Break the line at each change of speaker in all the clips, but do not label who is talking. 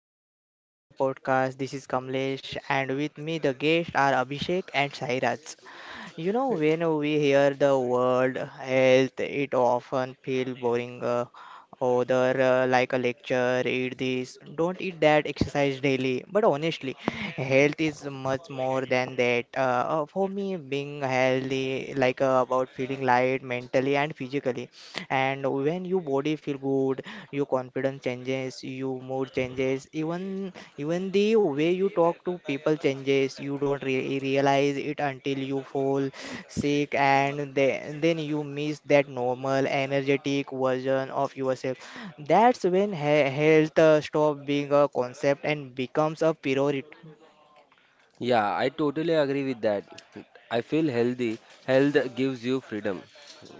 and welcome to the podcast. This is Kamlesh, and with me the guests are Abhishek and Sairaj. You know, when we hear the word health, it often feels boring, other, like a lecture: eat this, don't eat that, exercise daily, but honestly health is much more than that. For me, being healthy, like about feeling light mentally and physically, and when your body feel good, your confidence changes, your mood changes, even the way you talk to people changes. You don't realize it until you fall sick, and then you miss that normal energetic version of yourself. That's when health stop being a concept and becomes a priority.
Yeah, I totally agree with that. I feel healthy. Health gives you freedom.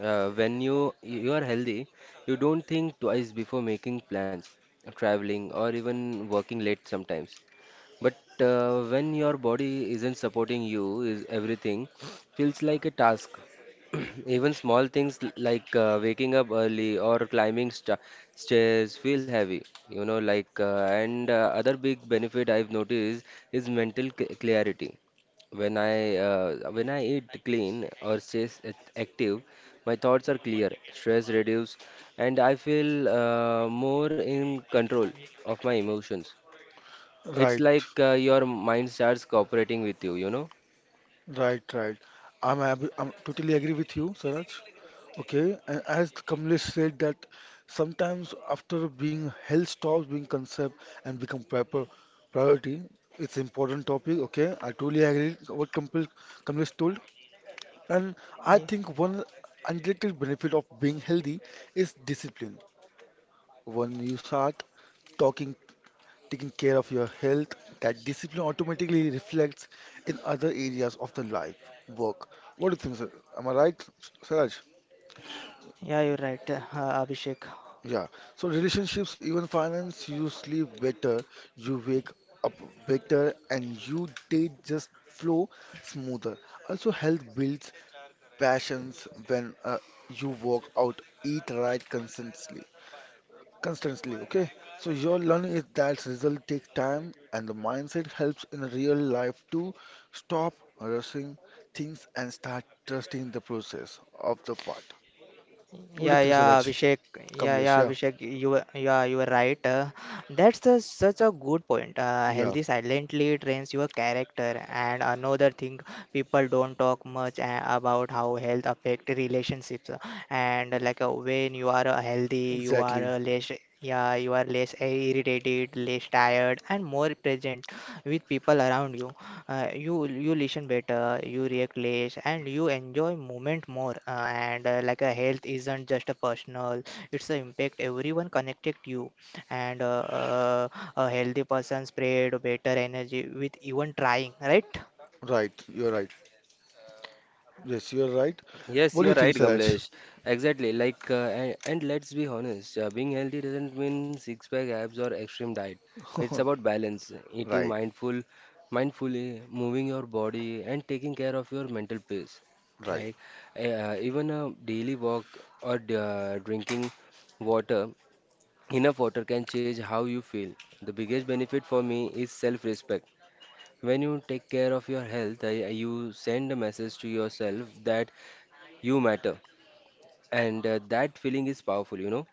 When you are healthy, you don't think twice before making plans, traveling, or even working late sometimes. But when your body isn't supporting you, is everything feels like a task. Even small things like waking up early or climbing stairs feel heavy, you know, like and other big benefit I've noticed is mental c clarity. When I eat clean or stay active, my thoughts are clear, stress reduced, and I feel more in control of my emotions. It's
Right,
your mind starts cooperating with you, you know?
right, right. I'm totally agree with you, Saraj. Okay, and as Kamlesh said that sometimes after being health stops being concept and become proper priority, it's important topic. Okay, I totally agree what Kamlesh told, and I think one underrated benefit of being healthy is discipline. When you start talking taking care of your health, that discipline automatically reflects in other areas of the life, work. What do you think, sir? Am I right, Siraj?
Yeah, you're right, Abhishek.
Yeah. So relationships, even finance, you sleep better, you wake up better, and you day just flow smoother. Also, health builds passions when you work out, eat right consistently constantly okay, so your learning is that result take time and the mindset helps in real life to stop rushing things and start trusting the process of the part. What do you
Yeah,
think,
yeah,
Saraj?
Abhishek. Yeah,
Kamlesh,
yeah,
yeah,
Abhishek. You were right. That's such a good point.
yeah,
Healthy silently trains your character. And another thing, people don't talk much about how health affect relationships, and like when you are healthy, you are
exactly,
less irritated, less tired, and more present with people around you. You listen better, you react less, and you enjoy moment more. And Like a health isn't just a personal, it's an impact everyone connected to you. And a healthy person spread better energy with even trying, right?
right, you're right, yes, you're right.
Yes,
What do you
you're right,
think, Saraj?
Gamlesh. Exactly. And let's be honest, being healthy doesn't mean six-pack abs or extreme diet. It's about balance, eating
Right,
mindful, mindfully, moving your body, and taking care of your mental peace.
right.
Like, Even a daily walk or drinking water, enough water can change how you feel. The biggest benefit for me is self-respect. When you take care of your health, you send a message to yourself that you matter, and that feeling is powerful, you know.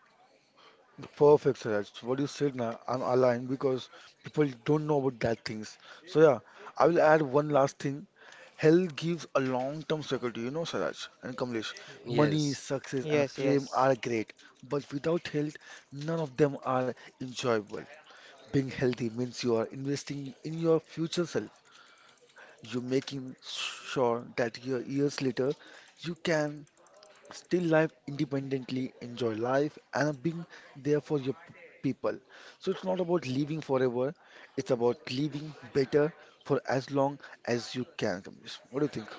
Perfect, Siraj. What you said now I'm aligned because people don't know about that things, so yeah, I will add one last thing. Health gives a long-term security, you know, Saraj and Kamlesh. Money,
Yes,
success, and
Yes,
fame
yes.
are great, but without health, none of them are enjoyable. Being healthy means you are investing in your future self. You're making sure that your years later, you can still live independently, enjoy life, and being there for your people. So it's not about living forever; it's about living better for as long as you can, Kamlesh. What do you think?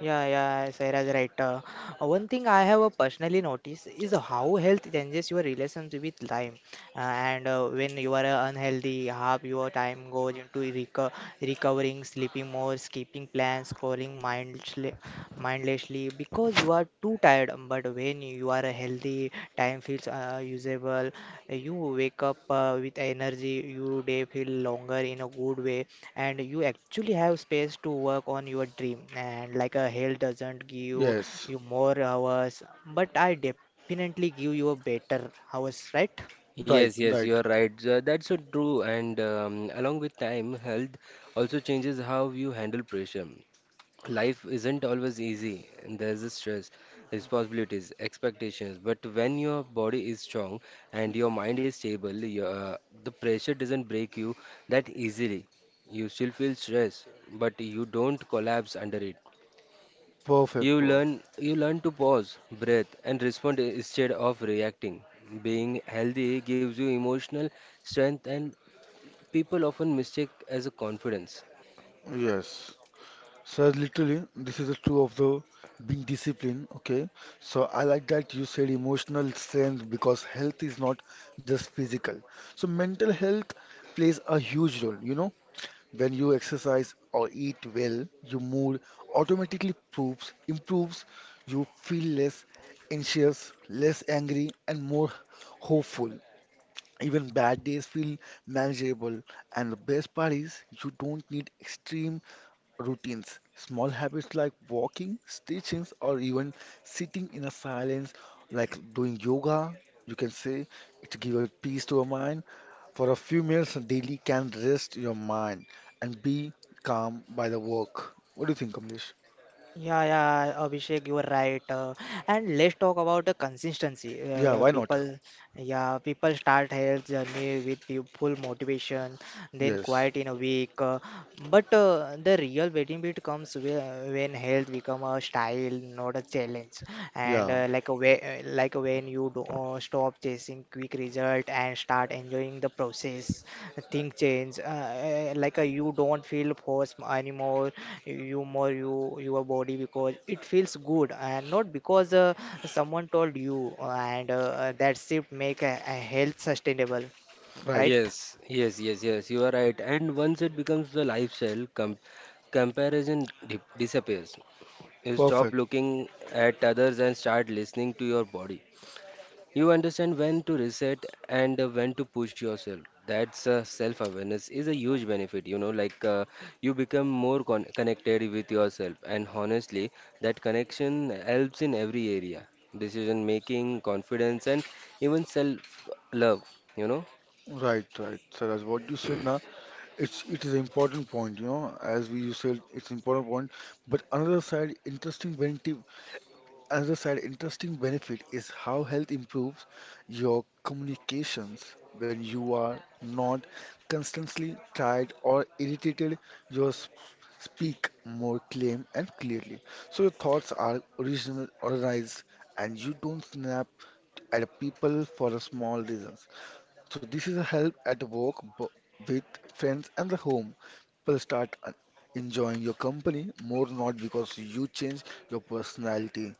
Yeah, yeah, Sairaj, right. One thing I have personally noticed is how health changes your relationship with time. And when you are unhealthy, half your time goes into recovering, sleeping more, skipping plans, scrolling mindlessly, because you are too tired. But when you are healthy, time feels usable. You wake up with energy. Your day feel longer in a good way, and you actually have space to work on your dream. And like a hell doesn't give
Yes.
you more hours, but I definitely give you a better hours, right?
Right,
yes, yes,
right.
you are right. That's so true. And along with time, health also changes how you handle pressure. Life isn't always easy, and there's a stress, responsibilities, expectations. But when your body is strong and your mind is stable, the pressure doesn't break you that easily. You still feel stress, but you don't collapse under it.
Perfect, bro.
You learn to pause, breathe, and respond instead of reacting. Being healthy gives you emotional strength, and people often mistake as a confidence.
Yes. So literally, this is the true of the being disciplined. Okay. So I like that you said emotional strength because health is not just physical. So mental health plays a huge role, you know. When you exercise or eat well, your mood automatically improves. You feel less anxious, less angry, and more hopeful. Even bad days feel manageable, and the best part is you don't need extreme routines. Small habits like walking, stretching, or even sitting in a silence, like doing yoga, you can say it gives peace to your mind. For a few minutes daily can rest your mind and be calm by the work. What do you think, Kamlesh?
Yeah, yeah, Abhishek, you are right. And let's talk about the consistency.
Yeah, why not?
People start health journey with full motivation, then
Yes.
quiet in a week. But the real benefit comes when health become a style, not a challenge. And
Yeah.
uh, like when you do, stop chasing quick result and start enjoying the process. Thing change. You don't feel force anymore. You more your body because it feels good, and not because someone told you, and that shift make a health sustainable,
Right.
right?
Yes, yes, yes, yes, you are right. And once it becomes the lifestyle, comparison di disappears. You stop
Perfect.
looking at others and start listening to your body. You understand when to reset and when to push yourself. That's Self-awareness is a huge benefit, you know, you become more connected with yourself. And honestly, that connection helps in every area, decision making, confidence, and even self-love, you know.
Right, right. So that's what you said. Now It's it is an important point, you know, as we you said, it's important point. But another side, interesting benefit, another side, interesting benefit is how health improves your communications when you are not constantly tired or irritated. You speak more clean and clearly, so your thoughts are organized, and you don't snap at people for a small reason. So this is a help at work with friends and the home. People start enjoying your company more, not because you change your personality.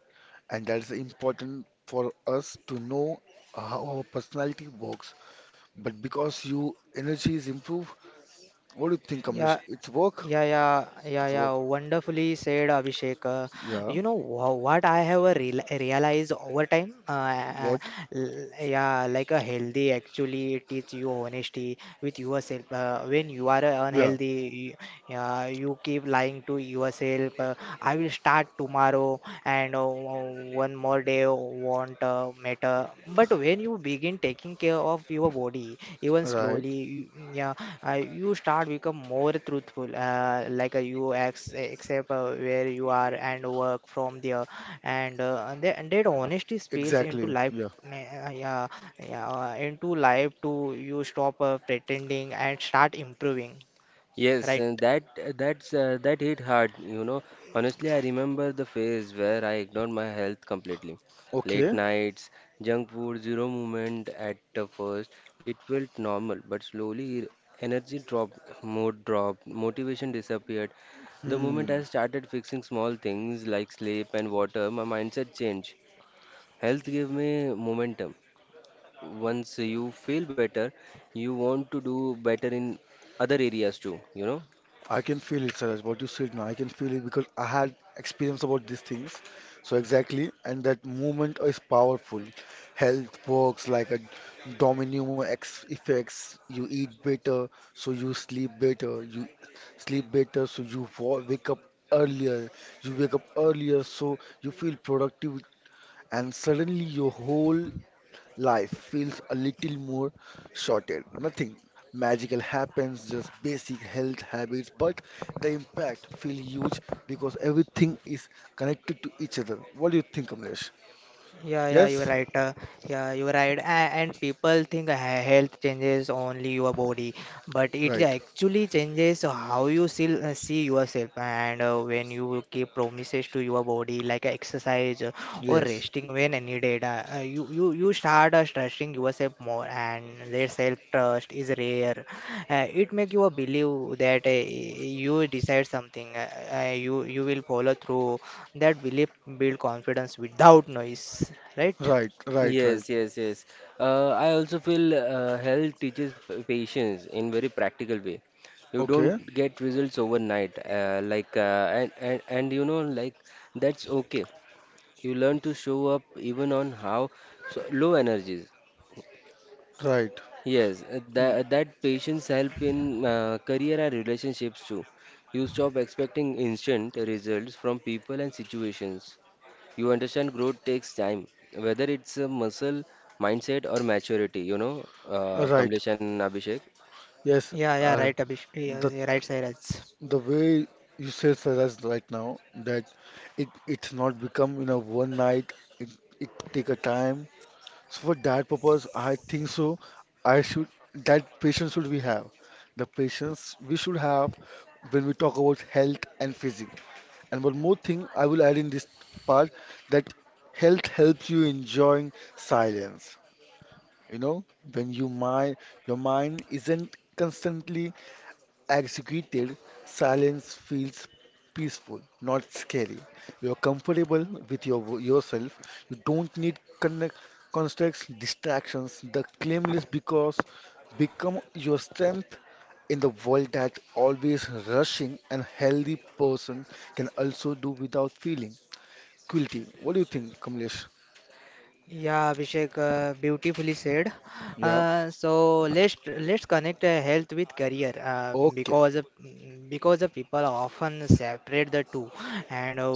And that's important for us to know how our personality works. But because you energy is improved, what do you think, Kamlesh?
Yeah.
It's work?
Yeah, yeah, yeah,
It's
yeah.
work.
Wonderfully said, Abhishek.
Yeah.
You know what I have realized over time?
What?
Like a healthy actually teach you honesty with yourself. When you are
Yeah.
unhealthy, you keep lying to yourself: I will start tomorrow, and one more day won't matter. But when you begin taking care of your body, even
Right.
slowly, you start become more truthful. You accept where you are and work from there, and and that honesty spills into
Exactly.
life.
Yeah.
uh, Yeah, yeah, into life to you stop pretending and start improving,
Yes,
right?
and that that's That hit hard, you know. Honestly, I remember the phase where I ignored my health completely. Late
Okay.
nights, junk food, zero movement at the first, it felt normal, but slowly energy dropped, mood dropped, motivation disappeared. The moment
Hmm.
I started fixing small things like sleep and water, my mindset changed. Health gave me momentum. Once you feel better, you want to do better in other areas too, you know?
I can feel it, Suraj. What you said now, I can feel it because I had experience about these things. So exactly, and that movement is powerful. Health works like a domino ex effects. You eat better, so you sleep better. You sleep better, so you wake up earlier. You wake up earlier, so you feel productive, and suddenly your whole life feels a little more sorted. Nothing magical happens, just basic health habits, but the impact feels huge because everything is connected to each other. What do you think, Kamlesh?
Yeah, yeah, you're
Yes?
right. Yeah, you're right. And people think health changes only your body, but it
Right.
actually changes how you see yourself. And when you keep promises to your body, like exercise, or
Yes.
resting when needed, you start trusting yourself more, and their self trust is rare. It make you believe that you decide something, you will follow through that belief build confidence without noise, right?
Right, right, right.
Yes, yes, yes. I also feel health teaches patience in very practical way. You don't
Okay.
get results overnight, like and you know that's okay. You learn to show up even on how so low energies.
Right.
Yes,
Mm.
that that patience help in career and relationships too. You stop expecting instant results from people and situations. You understand growth takes time, whether it's a muscle, mindset, or maturity, you know,
Right.
Kamlesh and Abhishek.
Yes.
Yeah, yeah,
Uh,
right, Abhish. Yeah,
the
yeah, right, Sairaj.
the way you said, Saraj, right now that it it's not become in a one night. It it take a time. So for that purpose, I think so. I should That patience should we have, the patience we should have when we talk about health and physique. And one more thing I will add in this part, that health helps you enjoying silence. You know, when your mind isn't constantly executed, silence feels peaceful, not scary. You're comfortable with yourself. You don't need constructs, distractions. The claimless because become your strength in the world that always rushing. And healthy person can also do without feeling guilty. What do you think, Kamlesh?
Yeah, Abhishek, beautifully said.
Yeah.
So let's connect health with career,
Okay.
because the people often separate the two, and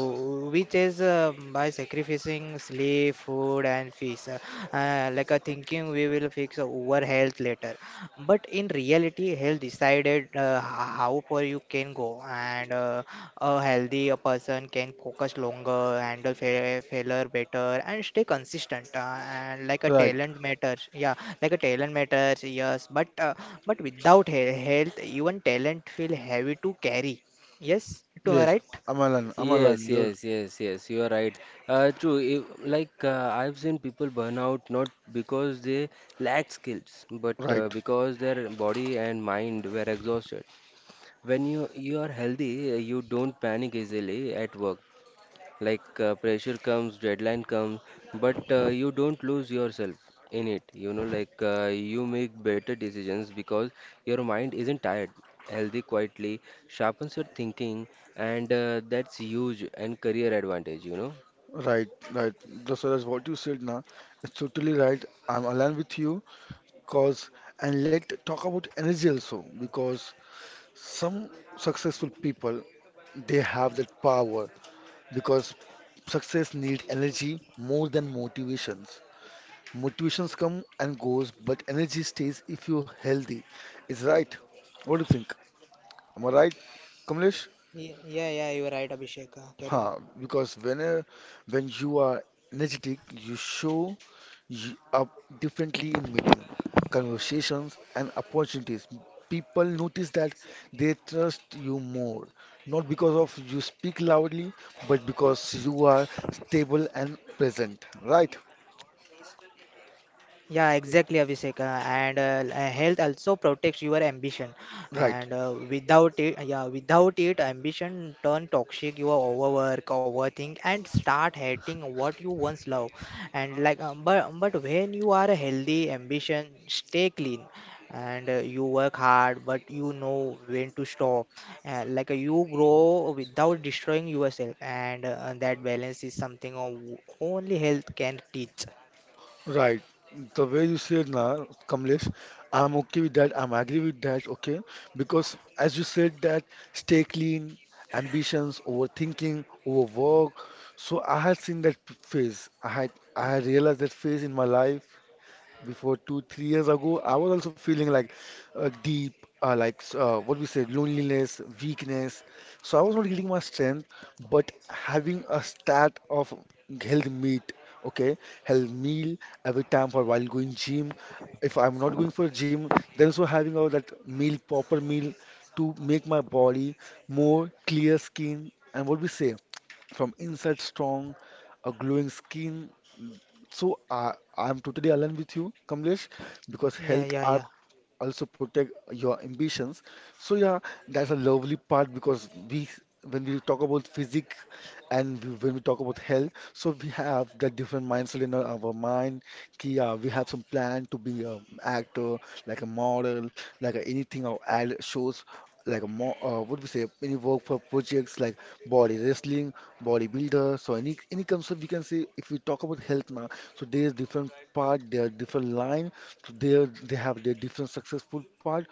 which is by sacrificing sleep, food, and fees, like a thinking we will fix our health later. But in reality, health decided how far you can go, and a healthy a person can focus longer, handle failure better, and stay consistent. And like a
Right.
talent matters, yeah, like a talent matters, yes. But without health, even talent feel heavy to carry. Yes, to
Yes.
right?
Amalan. Amalan.
Yes,
You're
yes, yes, yes, you are right. True, if, I've seen people burn out not because they lack skills, but
right.
because their body and mind were exhausted. When you are healthy, you don't panic easily at work. Like, pressure comes deadline comes but you don't lose yourself in it, you know, you make better decisions because your mind isn't tired, healthy quietly sharpens your thinking, and that's huge and career advantage, you know.
Right, right. That's what you said now. It's totally right. I'm aligned with you. Cause and let talk about energy also because some successful people they have that power because success need energy more than motivations. Motivations come and goes, but energy stays if you're healthy. It's right. What do you think? Am I right, Kamlesh?
Yeah, yeah, you are right, Abhishek. Carry on.
Huh, because when you are energetic, you show up differently in meeting, conversations, and opportunities. People notice that they trust you more, not because of you speak loudly, but because you are stable and present. Right?
Yeah, exactly, Abhishek. And Health also protects your ambition. And
Right.
without it, yeah, without it, ambition turn toxic. You overwork, overthink, and start hating what you once love. And like, but when you are healthy, ambition stay clean. And you work hard, but you know when to stop. You grow without destroying yourself, and that balance is something only health can teach.
Right. The way you said now, Kamlesh, I'm okay with that. I'm agree with that. Okay. Because as you said that stay clean, ambitions, overthinking, overwork. So I had seen that phase. I had realized that phase in my life before 2, 3 years ago, I was also feeling like deep, what we say, loneliness, weakness. So I was not getting my strength, but having a stat of health meat, okay, health meal every time for while going gym. If I'm not going for gym, then also having all that meal, proper meal to make my body more clear skin and what we say, from inside strong, a glowing skin. So I'm totally aligned with you, Kamlesh, because
Yeah,
health
yeah,
are
yeah,
also protect your ambitions. So yeah, that's a lovely part because we when we talk about physics and we, when we talk about health, so we have the different mindset in our mind. Ki, yeah, we have some plan to be an actor, like a model, like a, anything or ad shows, like a more what we say any work for projects like body wrestling, bodybuilder. So any concept we can say if we talk about health now, so there's different part, there are different line, so there they have their different successful part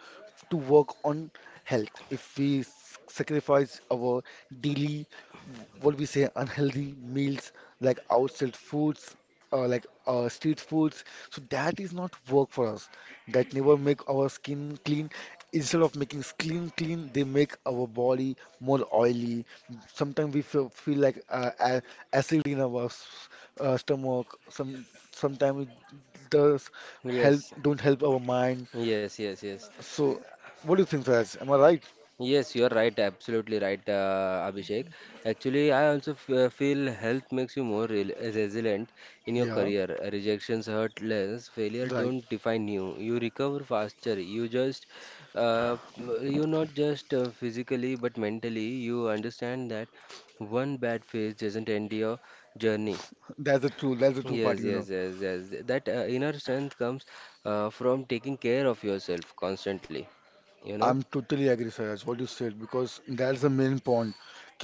to work on health. If we sacrifice our daily what we say unhealthy meals, like outside foods, street foods, so that is not work for us. That never make our skin clean, instead of making skin clean clean, they make our body more oily. Sometimes we feel like acid in our stomach. Sometimes it does help
Yes,
don't help our mind.
yes, yes, yes.
So what do you think, Siraj? Am I right?
Yes, you are right, absolutely right, Abhishek. Actually, I also f feel health makes you more re resilient in your
Yeah,
career. Rejections hurt less, failure
right.
don't define you. You recover faster. Uh, you not just physically but mentally, you understand that one bad phase doesn't end your journey.
That's the true, that's the true
Yes,
part, you know.
yes, yes, yes. That Inner strength comes from taking care of yourself constantly, you know?
I'm totally agree, Siraj, what you said, because that's the main point.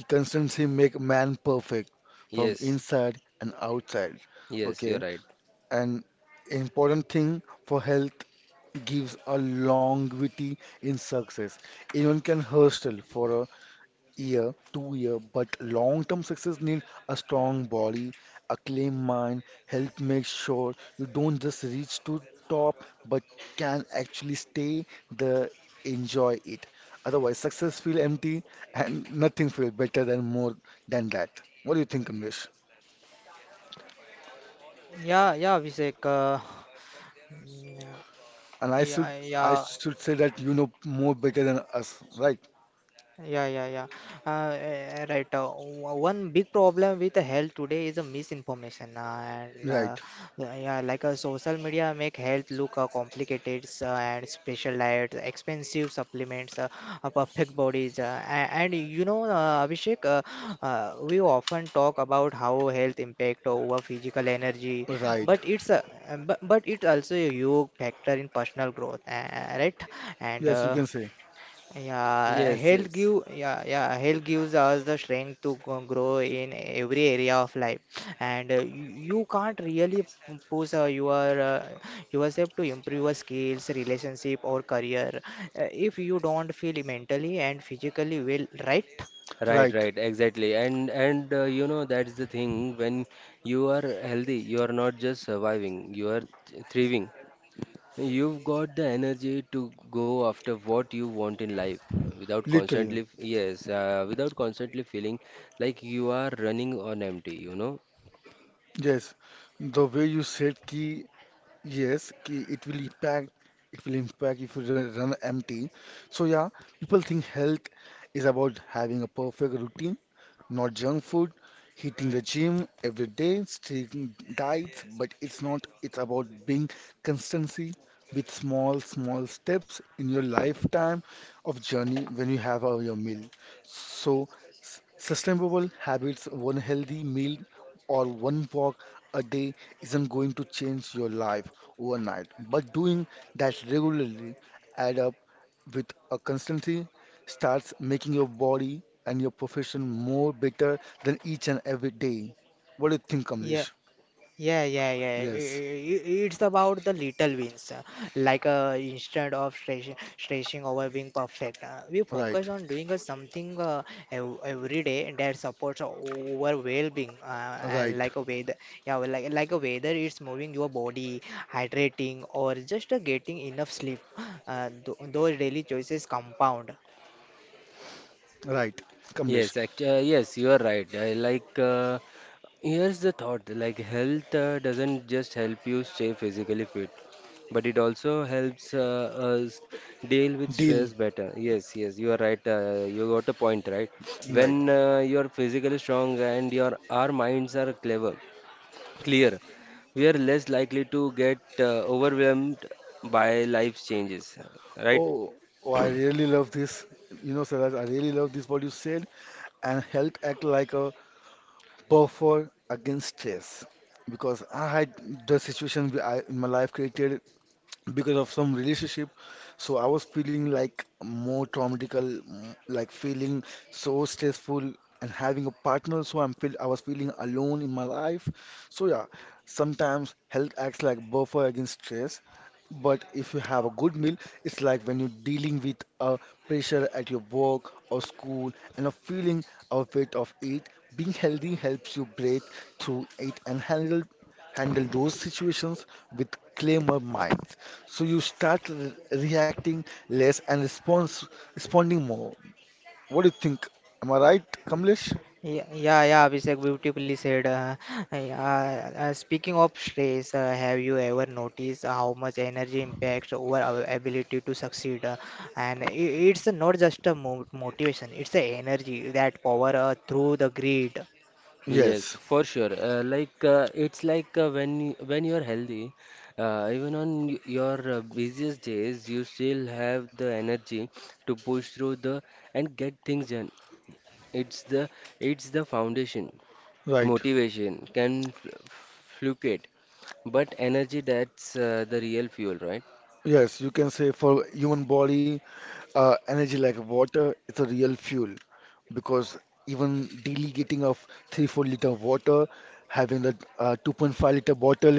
Consistency make man perfect from
Yes,
inside and outside.
yes,
Okay.
you're right.
An important thing for health gives a longevity in success. Anyone can hustle for a year, two year, but long-term success need a strong body, a clean mind, help make sure you don't just reach to top, but can actually stay there, enjoy it. Otherwise, success feel empty and nothing feel better than more than that. What do you think, Kamlesh?
yeah, yeah. Vivek, mm,
And
yeah,
I
yeah.
should say that you know more better than us, right?
Yeah, yeah, yeah. Right. One big problem with the health today is a misinformation, and
Right,
yeah, yeah, like social media make health look complicated, and special diets, expensive supplements, perfect bodies, and, you know, Abhishek, we often talk about how health impact over physical energy, but
right.
but it also a huge factor in personal growth, right? And
Yes, you
uh,
can say.
yeah,
Yes,
health
yes.
give yeah yeah health gives us the strength to grow in every area of life, and you can't really push yourself to improve your skills, relationship, or career, if you don't feel mentally and physically well, right?
Right,
Right,
right, exactly. And you know that's the thing. When you are healthy, you are not just surviving, you are thriving. You've got the energy to go after what you want in life without
literally.
constantly, yes, without constantly feeling like you are running on empty, you know.
Yes. The way you said ki yes, ki it will impact, it will impact if you run empty. So yeah, people think health is about having a perfect routine, not junk food, hitting the gym every day, strict diets, but it's not, it's about being constancy with small, small steps in your lifetime of journey when you have your meal. So, sustainable habits, one healthy meal or one walk a day isn't going to change your life overnight, but doing that regularly add up with a constancy starts making your body and your profession more better than each and every day. What do you think, Kamlesh?
Yeah, yeah, yeah.
Yes,
It's about the little wins. Like, instead of stressing over being perfect, we
right,
focus on doing something every day that supports our well-being. And
right,
like a weather, it's moving your body, hydrating, or just getting enough sleep. Those daily choices compound.
right, Kamlesh.
Yes, you are right. I like Here's the thought, like, health doesn't just help you stay physically fit, but it also helps us deal with
Deal,
stress better. Yes, yes, you are right. You got a point, right?
right.
When you're physically strong and your our minds are clever, clear, we are less likely to get overwhelmed by life's changes, right?
Oh, oh, I really love this. You know, Saraj, I really love this what you said. And health act like a buffer against stress because I had the situation where I in my life created because of some relationship. So I was feeling like more traumatical, mm, like feeling so stressful and having a partner. So I was feeling alone in my life. So yeah, sometimes health acts like buffer against stress. But if you have a good meal, it's like when you're dealing with a pressure at your work or school and a feeling of weight of it, being healthy helps you breathe through it and handle those situations with calmer mind. So you start reacting less and response responding more. What do you think? Am I right, Kamlesh?
Yeah, yeah, yeah, Abhishek, beautifully said. Yeah, Speaking of stress, have you ever noticed how much energy impacts over our ability to succeed? And I it's not just a mo motivation, it's the energy that power through the grid.
Yes,
Yes,
for sure. It's when you, when you're healthy, even on your busiest days, you still have the energy to push through the and get things done. It's the it's the foundation.
right.
Motivation can fl fluctuate, but energy that's the real fuel, right?
Yes, you can say for human body, energy like water is a real fuel because even daily getting of 3 4-liter water, having that 2.5-liter bottle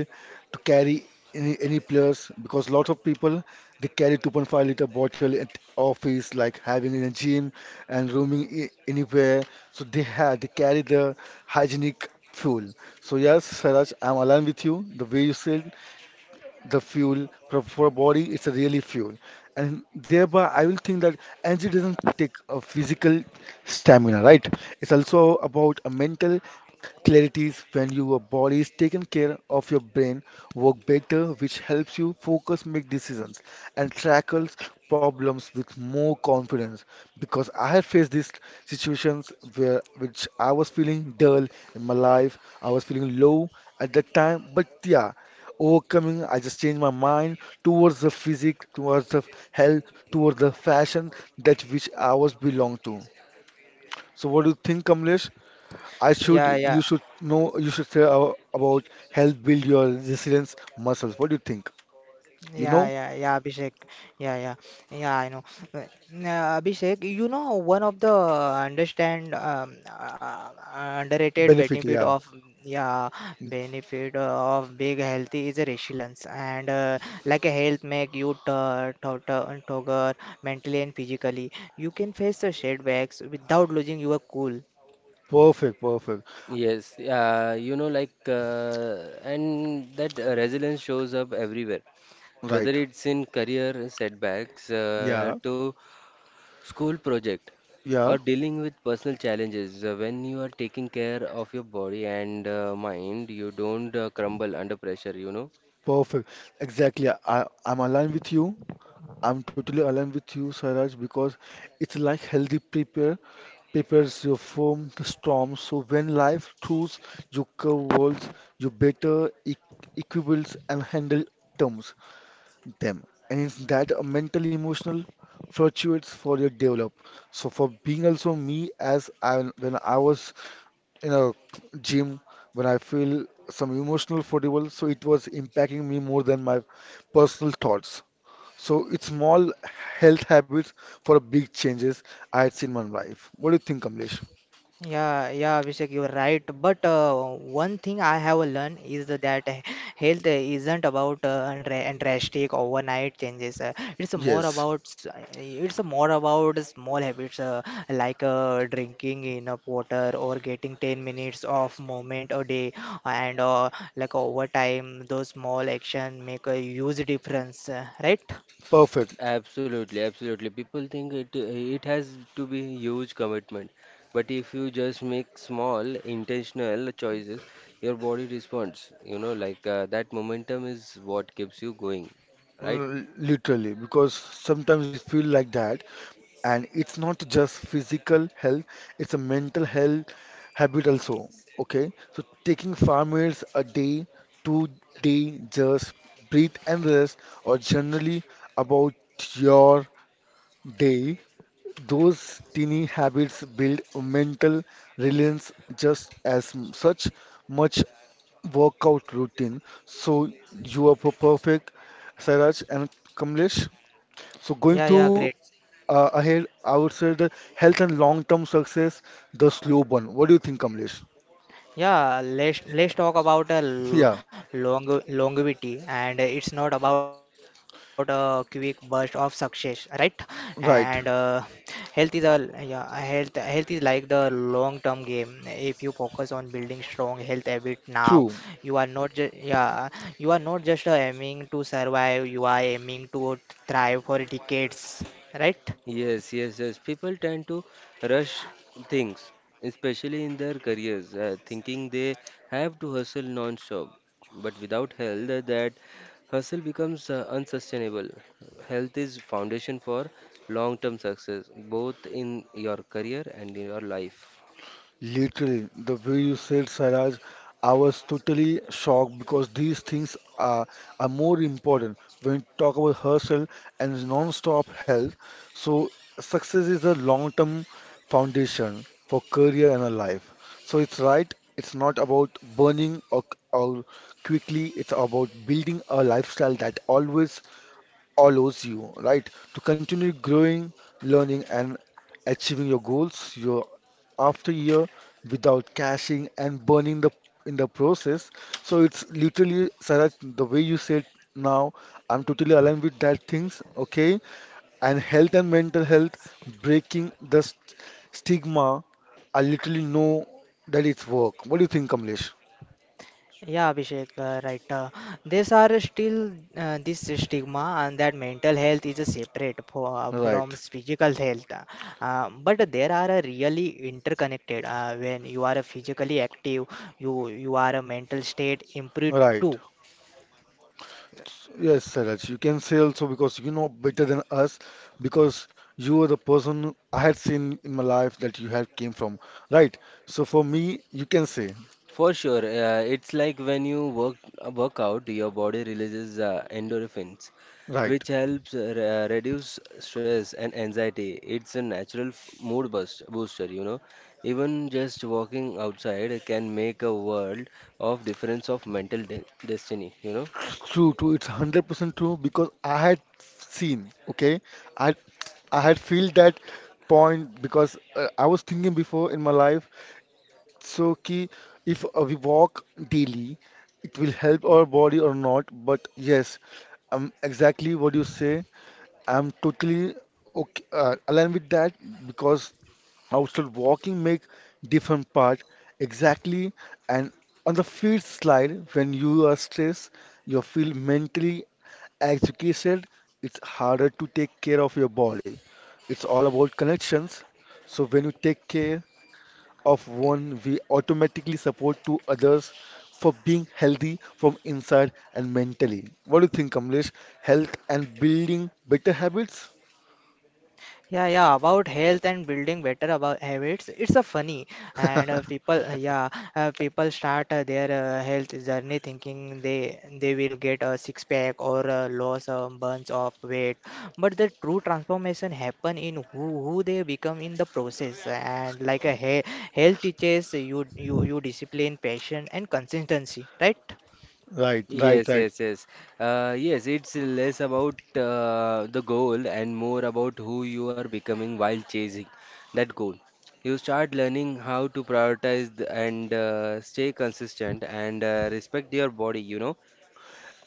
to carry any place because lots of people they carry 2.5-liter bottle at office like having in a gym and roaming anywhere. So they carry the hygienic fuel. So yes, Saraj, I'm aligned with you the way you said the fuel for a body, it's a really fuel. And thereby I will think that energy doesn't take a physical stamina, right? It's also about a mental clarities. When your body is taken care of, your brain work better, which helps you focus, make decisions, and tackles problems with more confidence. Because I have faced these situations where which I was feeling dull in my life, I was feeling low at that time. But yeah, overcoming, I just change my mind towards the physique, towards the health, towards the fashion that which I was belong to. So what do you think, Kamlesh? I should,
Yeah,
you
yeah.
should know, you should say about health build your resilience muscles. What do you think? You
Yeah,
know.
yeah, yeah, Abhishek. Yeah, yeah, yeah, I know. Uh, Abhishek, you know, one of the understand underrated
Benefit, yeah.
yeah benefit of big healthy is a resilience, and like a health make you tougher mentally and physically. You can face the setbacks without losing your cool.
Perfect, perfect.
Yes, you know, like, and that resilience shows up everywhere,
Right.
whether it's in career setbacks
Yeah,
to school project or
yeah.
dealing with personal challenges. When you are taking care of your body and mind, you don't crumble under pressure, you know.
Perfect, exactly. I'm aligned with you. I'm totally aligned with you, Swaraj, because it's like healthy prepares you from the storm. So when life throws you curveballs, you better equipped and handle terms them. And it's that a mental emotional fluctuates for your develop. So for being also me, as I, when I was in a gym, when I feel some emotional fatigue, so it was impacting me more than my personal thoughts. So it's small health habits for big changes I had seen in my life. What do you think, Kamlesh?
Yeah, yeah, Abhishek, you're right. But one thing I have learned is that health isn't about drastic overnight changes. Uh, It's more
Yes,
about s- uh, it's more about small habits, like drinking enough water or getting 10 minutes of movement a day, and like over time, those small action make a huge difference. Right?
perfect.
Absolutely, absolutely, people think it it has to be huge commitment, but if you just make small intentional choices your body responds, you know, that momentum is what keeps you going, right?
Literally, because sometimes it feel like that, and it's not just physical health, it's a mental health habit also. Okay, so taking 5 minutes a day, 2 day, just breathe and rest, or generally about your day. Those teeny habits build mental resilience just as such much workout routine. So you are perfect, Sairaj and Kamlesh. So going
Yeah, yeah,
to
great.
ahead, I would say the health and long-term success, the slow burn. What do you think, Kamlesh?
Yeah, let's talk about a
Yeah,
longevity, and it's not about a quick burst of success, right? And
right.
health is a yeah, health health is like the long-term game. If you focus on building strong health habit now,
True.
you are not just yeah, you are not just aiming to survive. You are aiming to thrive for decades, right?
Yes, yes, yes. People tend to rush things, especially in their careers, thinking they have to hustle non-stop. But without health, that hustle becomes unsustainable. Health is foundation for long-term success, both in your career and in your life.
Literally, the way you said, Sairaj, I was totally shocked because these things are more important when we talk about hustle and non-stop health. So success is a long-term foundation for career and a life. So it's right, it's not about burning or quickly, it's about building a lifestyle that always allows you, right, to continue growing, learning, and achieving your goals year after year without cashing and burning the in the process. So it's literally, Saraj, the way you said now, I'm totally aligned with that things, okay? And health and mental health, breaking the st stigma, I literally know that it's work. What do you think, Kamlesh?
Yeah, Abhishek, right. These are still this stigma and that mental health is a separate from
Right,
physical health. But there are a really interconnected. When you are physically active, you are a mental state improved
right.
too.
Yes, Saraj, you can say also because you know better than us, because you are the person I had seen in my life that you had came from, right? So for me, you can say,
For sure, it's like when you work out, your body releases endorphins,
right.
which helps reduce stress and anxiety. It's a natural mood booster, you know. Even just walking outside can make a world of difference of mental de destiny, you know.
True, true. It's 100% true because I had seen. Okay, I I had feel that point because I was thinking before in my life. So, ki if we walk daily, it will help our body or not. But yes, exactly what you say. I'm totally okay, aligned with that because outside walking make different part exactly. And on the fifth slide, when you are stressed, you feel mentally agitated. It's harder to take care of your body. It's all about connections. So when you take care of one, we automatically support to others for being healthy from inside and mentally. What do you think, Kamlesh? Health and building better habits?
Yeah, yeah, about health and building better about habits. It's a funny, and people start their health journey thinking they will get a six pack, or lose a bunch of weight, but the true transformation happen in who they become in the process. And like a he health teaches you discipline, passion, and consistency, right?
Right, right,
Yes,
right.
yes, yes. Yes, it's less about the goal and more about who you are becoming while chasing that goal. You start learning how to prioritize and stay consistent and respect your body, you know.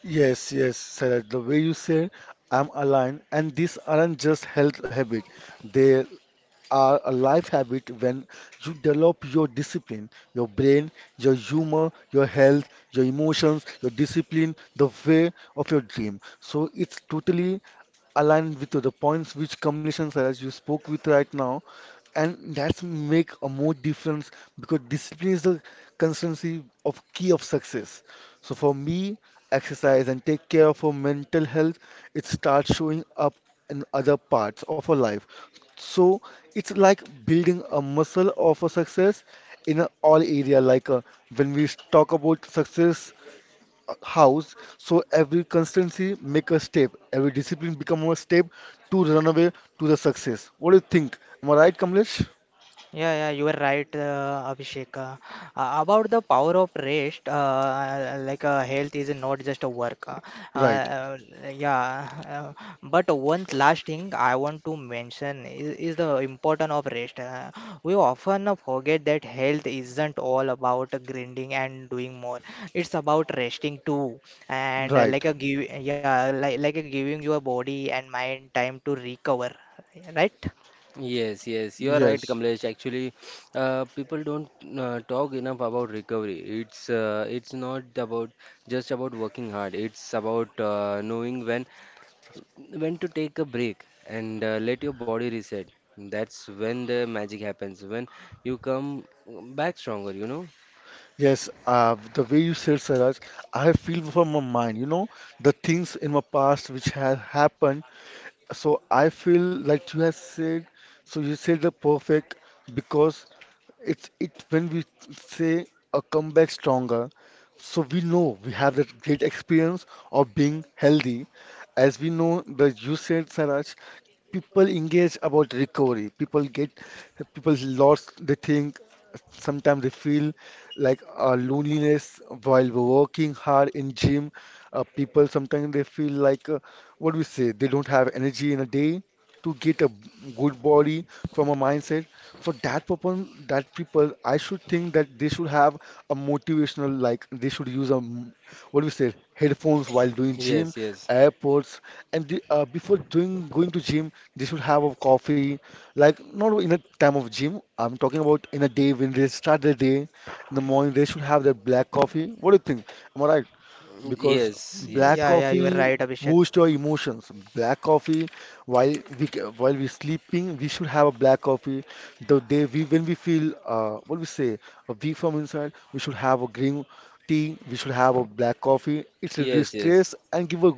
Yes, yes, Saraj. The way you said, I'm aligned, and these aren't just health habit. They are a life habit. When you develop your discipline, your brain, your humor, your health, your emotions, your discipline, the way of your dream. So it's totally aligned with the points which Kamlesh and as you spoke with right now, and that's make a more difference because discipline is the constancy of key of success. So for me, exercise and take care of our mental health, it starts showing up in other parts of our life. So it's like building a muscle of a success in a all area. Like when we talk about success, house, so every constancy make a step, every discipline become a step to run away to the success. What do you think? Am I right, Kamlesh?
Yeah, yeah, you are right, Abhishek. About the power of rest, health is not just a work.
Right,
Uh, yeah, uh, but one last thing I want to mention is the importance of rest. We often forget that health isn't all about grinding and doing more. It's about resting too, and
right.
like a give, yeah, like a giving your body and mind time to recover. Right?
Yes, yes, you are right,
Yes,
Kamlesh. Actually, people don't talk enough about recovery. It's not about just about working hard. It's about knowing when to take a break and let your body reset. That's when the magic happens, when you come back stronger, you know?
yes. The way you said, Saraj, I feel from my mind, you know, the things in my past which have happened. So I feel like you have said. So you said the perfect because it's it when we say a comeback stronger, so we know we have that great experience of being healthy. As we know that you said, Saraj, people engage about recovery, people get, people lost, they think, sometimes they feel like loneliness while working hard in gym. People sometimes they feel like what do we say, they don't have energy in a day to get a good body from a mindset. For that purpose, that people, I should think that they should have a motivational, like they should use a what do we say, headphones while doing gym,
Yes, yes.
airports. And the, before doing going to gym, they should have a coffee, like not in a time of gym. I'm talking about in a day when they start their day in the morning. They should have their black coffee. What do you think? Am I right? Because
Yes,
black
Yeah,
yes,
yeah, you are
coffee
right, Abhishek.
boosts your emotions. Black coffee, while we while we're sleeping, we should have a black coffee. The day we, when we feel what we say a weak from inside, we should have a green tea. We should have a black coffee. It reduces
yes,
stress
yes.
and give a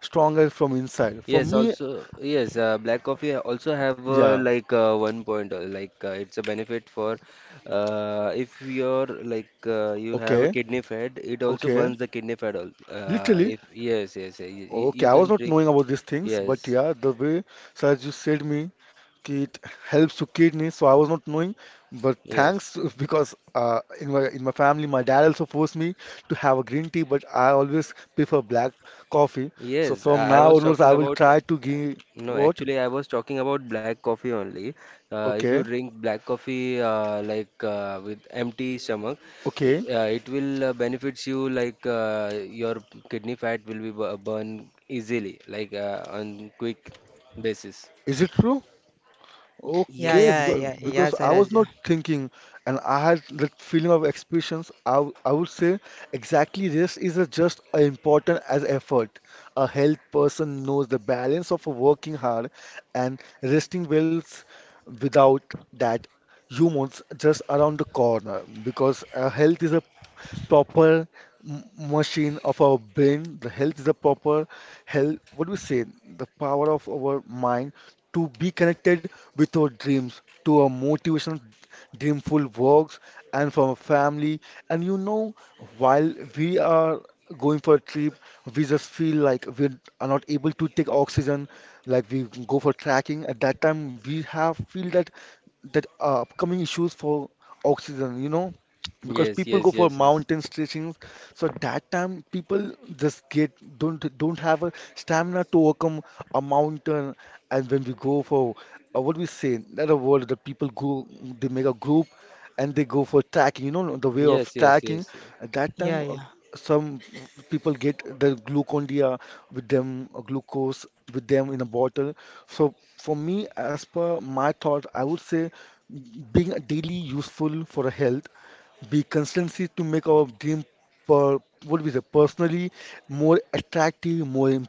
stronger from inside. For
Yes,
me,
also, yes, black coffee also have
yeah,
one point, it's a benefit for if you're you have a
okay.
kidney fat, it also
Okay,
burns the kidney fat.
literally.
If yes, yes, yes, you,
Okay,
you
I was
can
not
drink.
knowing about these things, but
Yes,
yeah, the way, so as you said me, ki it helps to kidney, so I was not knowing. But thanks
yes,
to- because in my family, my dad also forced me to have a green tea, but I always prefer black coffee. So
yes.
from
I
now
was
onwards,
talking
I will
about.
try to give
No,
what?
actually, I was talking about black coffee only. If you
Okay,
drink black coffee with empty stomach,
okay.
it will benefits you your kidney fat will be burn easily, on quick basis.
Is it true?
Yeah,
Okay,
Yes.
yeah,
because
yeah, yeah,
because I was
Saraj. Yeah,
not thinking, and I had that feeling of expectations. I would say exactly this is a just as important as effort. A health person knows the balance of working hard and resting well. Without that, humans just around the corner. Because health is a proper m- machine of our brain. The health is a proper health. What do we say? The power of our mind to be connected with our dreams, to our motivational, dreamful works, and from our family. And you know, while we are going for a trip, we just feel like we are not able to take oxygen. Like we go for trekking. At that time, we have feel that upcoming issues for oxygen. You know, because
Yes,
people go
yes,
for
yes, yes,
mountain stretching, so that time people just get don't have a stamina to overcome a mountain. And when we go for what we say that a word that people go, they make a group and they go for tracking, you know, the way of
yes, yes,
tracking.
yes.
At that
yeah,
time,
yeah.
some people get the glucondia with them or glucose with them in a bottle. So for me, as per my thought, I would say being daily useful for a health, be consistency to make our dream per, what we say personally more attractive, more im,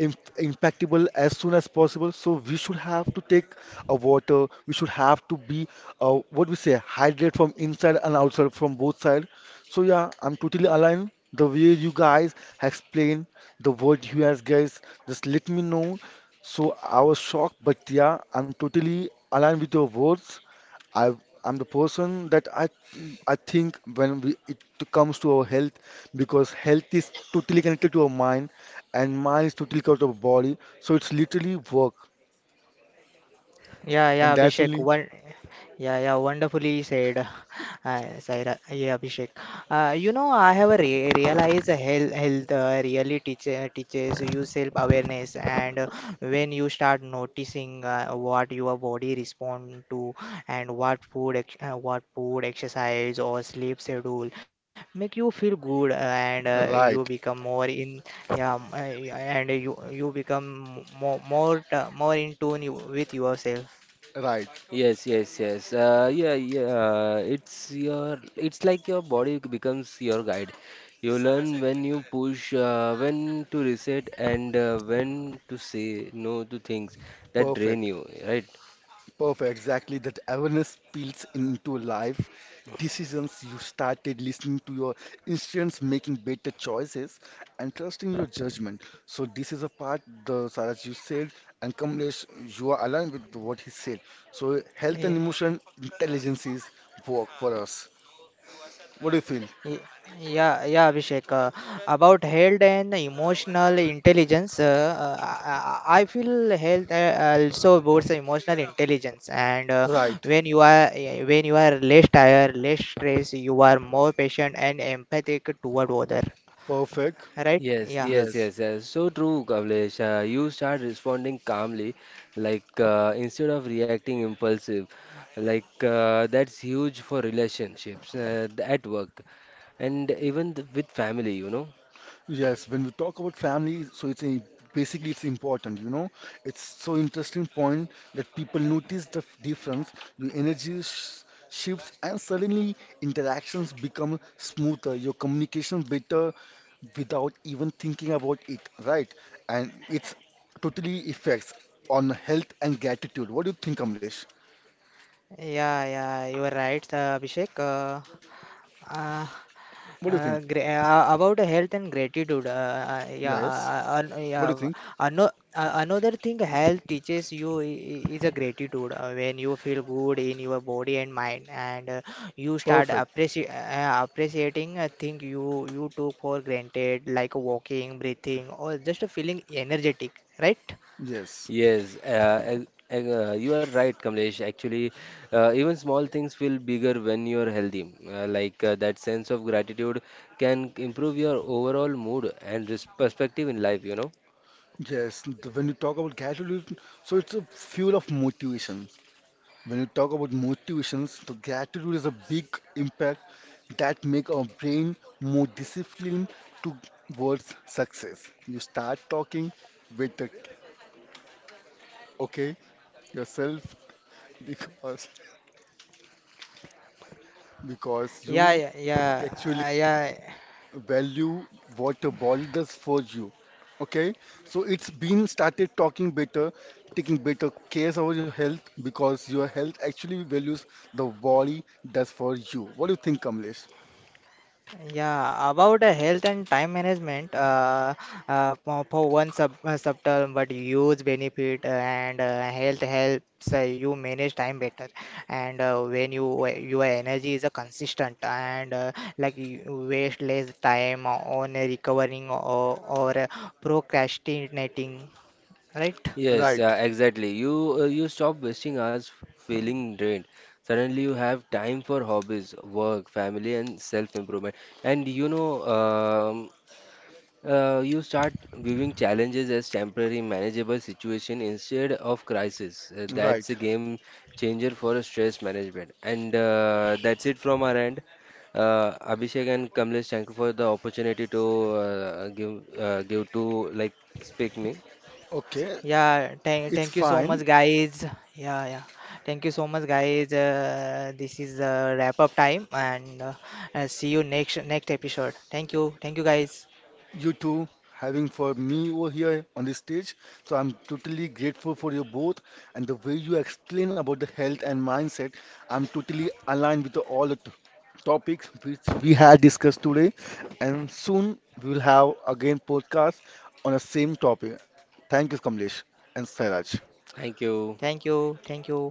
impactable as soon as possible. So we should have to take a water, we should have to be what we say hydrate from inside and outside, from both sides. So yeah, I'm totally aligned the way you guys explain the word you guys just let me know. So I was shocked, but yeah, I'm totally aligned with your words. I I'm the person that I think when we, it comes to our health, because health is totally connected to our mind and mind is totally connected to our body, so it's literally work,
Yeah,
and
yeah,
that's
Abhishek.
only
Wonderfully said, Saira. Yeah, Abhishek. You know, I have a re realized health really teaches you self-awareness, and when you start noticing what your body respond to, and what food, exercise, or sleep schedule make you feel good. And you
right,
become more and you become more in tune with yourself.
right.
Yes, yes, yes. Yeah. It's it's like your body becomes your guide. You learn when you push, when to reset, and when to say no to things that drain
Perfect.
you, right?
Perfect, exactly. That awareness spills into life decisions. You started listening to your instincts, making better choices, and trusting your judgment. So this is a part, the Saraj you said, and Kamlesh, you are aligned with what he said. So health and
Yeah,
emotion intelligences work for us. What do you feel?
y- yeah, yeah, Abhishek. About health and emotional intelligence, I feel health also boosts emotional intelligence. And uh,
Right.
when you are eh, when you are less tired, less stressed, you are more patient and empathic toward other.
Perfect.
Right?
Yes,
Yeah,
yes,
Yes.
yes, yes. So true, Kamlesh. You start responding calmly, instead of reacting impulsive, that's huge for relationships at work and even with family, you know.
Yes, when we talk about family, so it's a, basically it's important, you know. It's so interesting point that people notice the difference, your energy sh shifts, and suddenly interactions become smoother, your communication better without even thinking about it, right? And it's totally effects on health and gratitude. What do you think, Kamlesh?
yeah, yeah. You are right, Abhishek. Uh,
What do you think?
About health and gratitude,
Yes. What do you think?
Another thing health teaches you is a gratitude. When you feel good in your body and mind, and you start
Perfect.
appreciating a thing you took for granted, like walking, breathing, or just feeling energetic, right?
Yes.
Yes, you are right, Kamlesh. Actually, even small things feel bigger when you're healthy. That sense of gratitude can improve your overall mood and perspective in life, you know.
Yes. The- When you talk about gratitude, so it's a fuel of motivation. When you talk about motivations, the gratitude is a big impact that make our brain more disciplined towards success. You start talking with the okay yourself, because because
Yeah,
you
yeah, yeah,
actually
yeah.
value what your body does for you. Okay, so it's been started talking better, taking better care of your health because your health actually values the body does for you. What do you think, Kamlesh?
Yeah, about the health and time management, for one subtle but huge benefit, and health helps you manage time better. And when you your energy is consistent, and like you waste less time on recovering, or procrastinating, right?
Yes,
Right.
exactly. You stop wasting hours feeling drained. Suddenly, you have time for hobbies, work, family, and self-improvement. And you know, um you start viewing challenges as temporary, manageable situation instead of crisis. That's
Right.
a game changer for stress management. And that's it from our end. Abhishek and Kamlesh, thank you for the opportunity to give to like speak me.
Okay.
Yeah,
It's
thank you so much,
fine.
guys. Yeah, yeah. Thank you so much, guys. This is wrap up time, and see you next episode. Thank you, guys.
You two having for me over here on this stage. So I'm totally grateful for you both and the way you explain about the health and mindset. I'm totally aligned with the, all the topics which we had discussed today. And soon we will have again podcast on the same topic. Thank you, Kamlesh and Sairaj.
Thank you.
Thank you, thank you.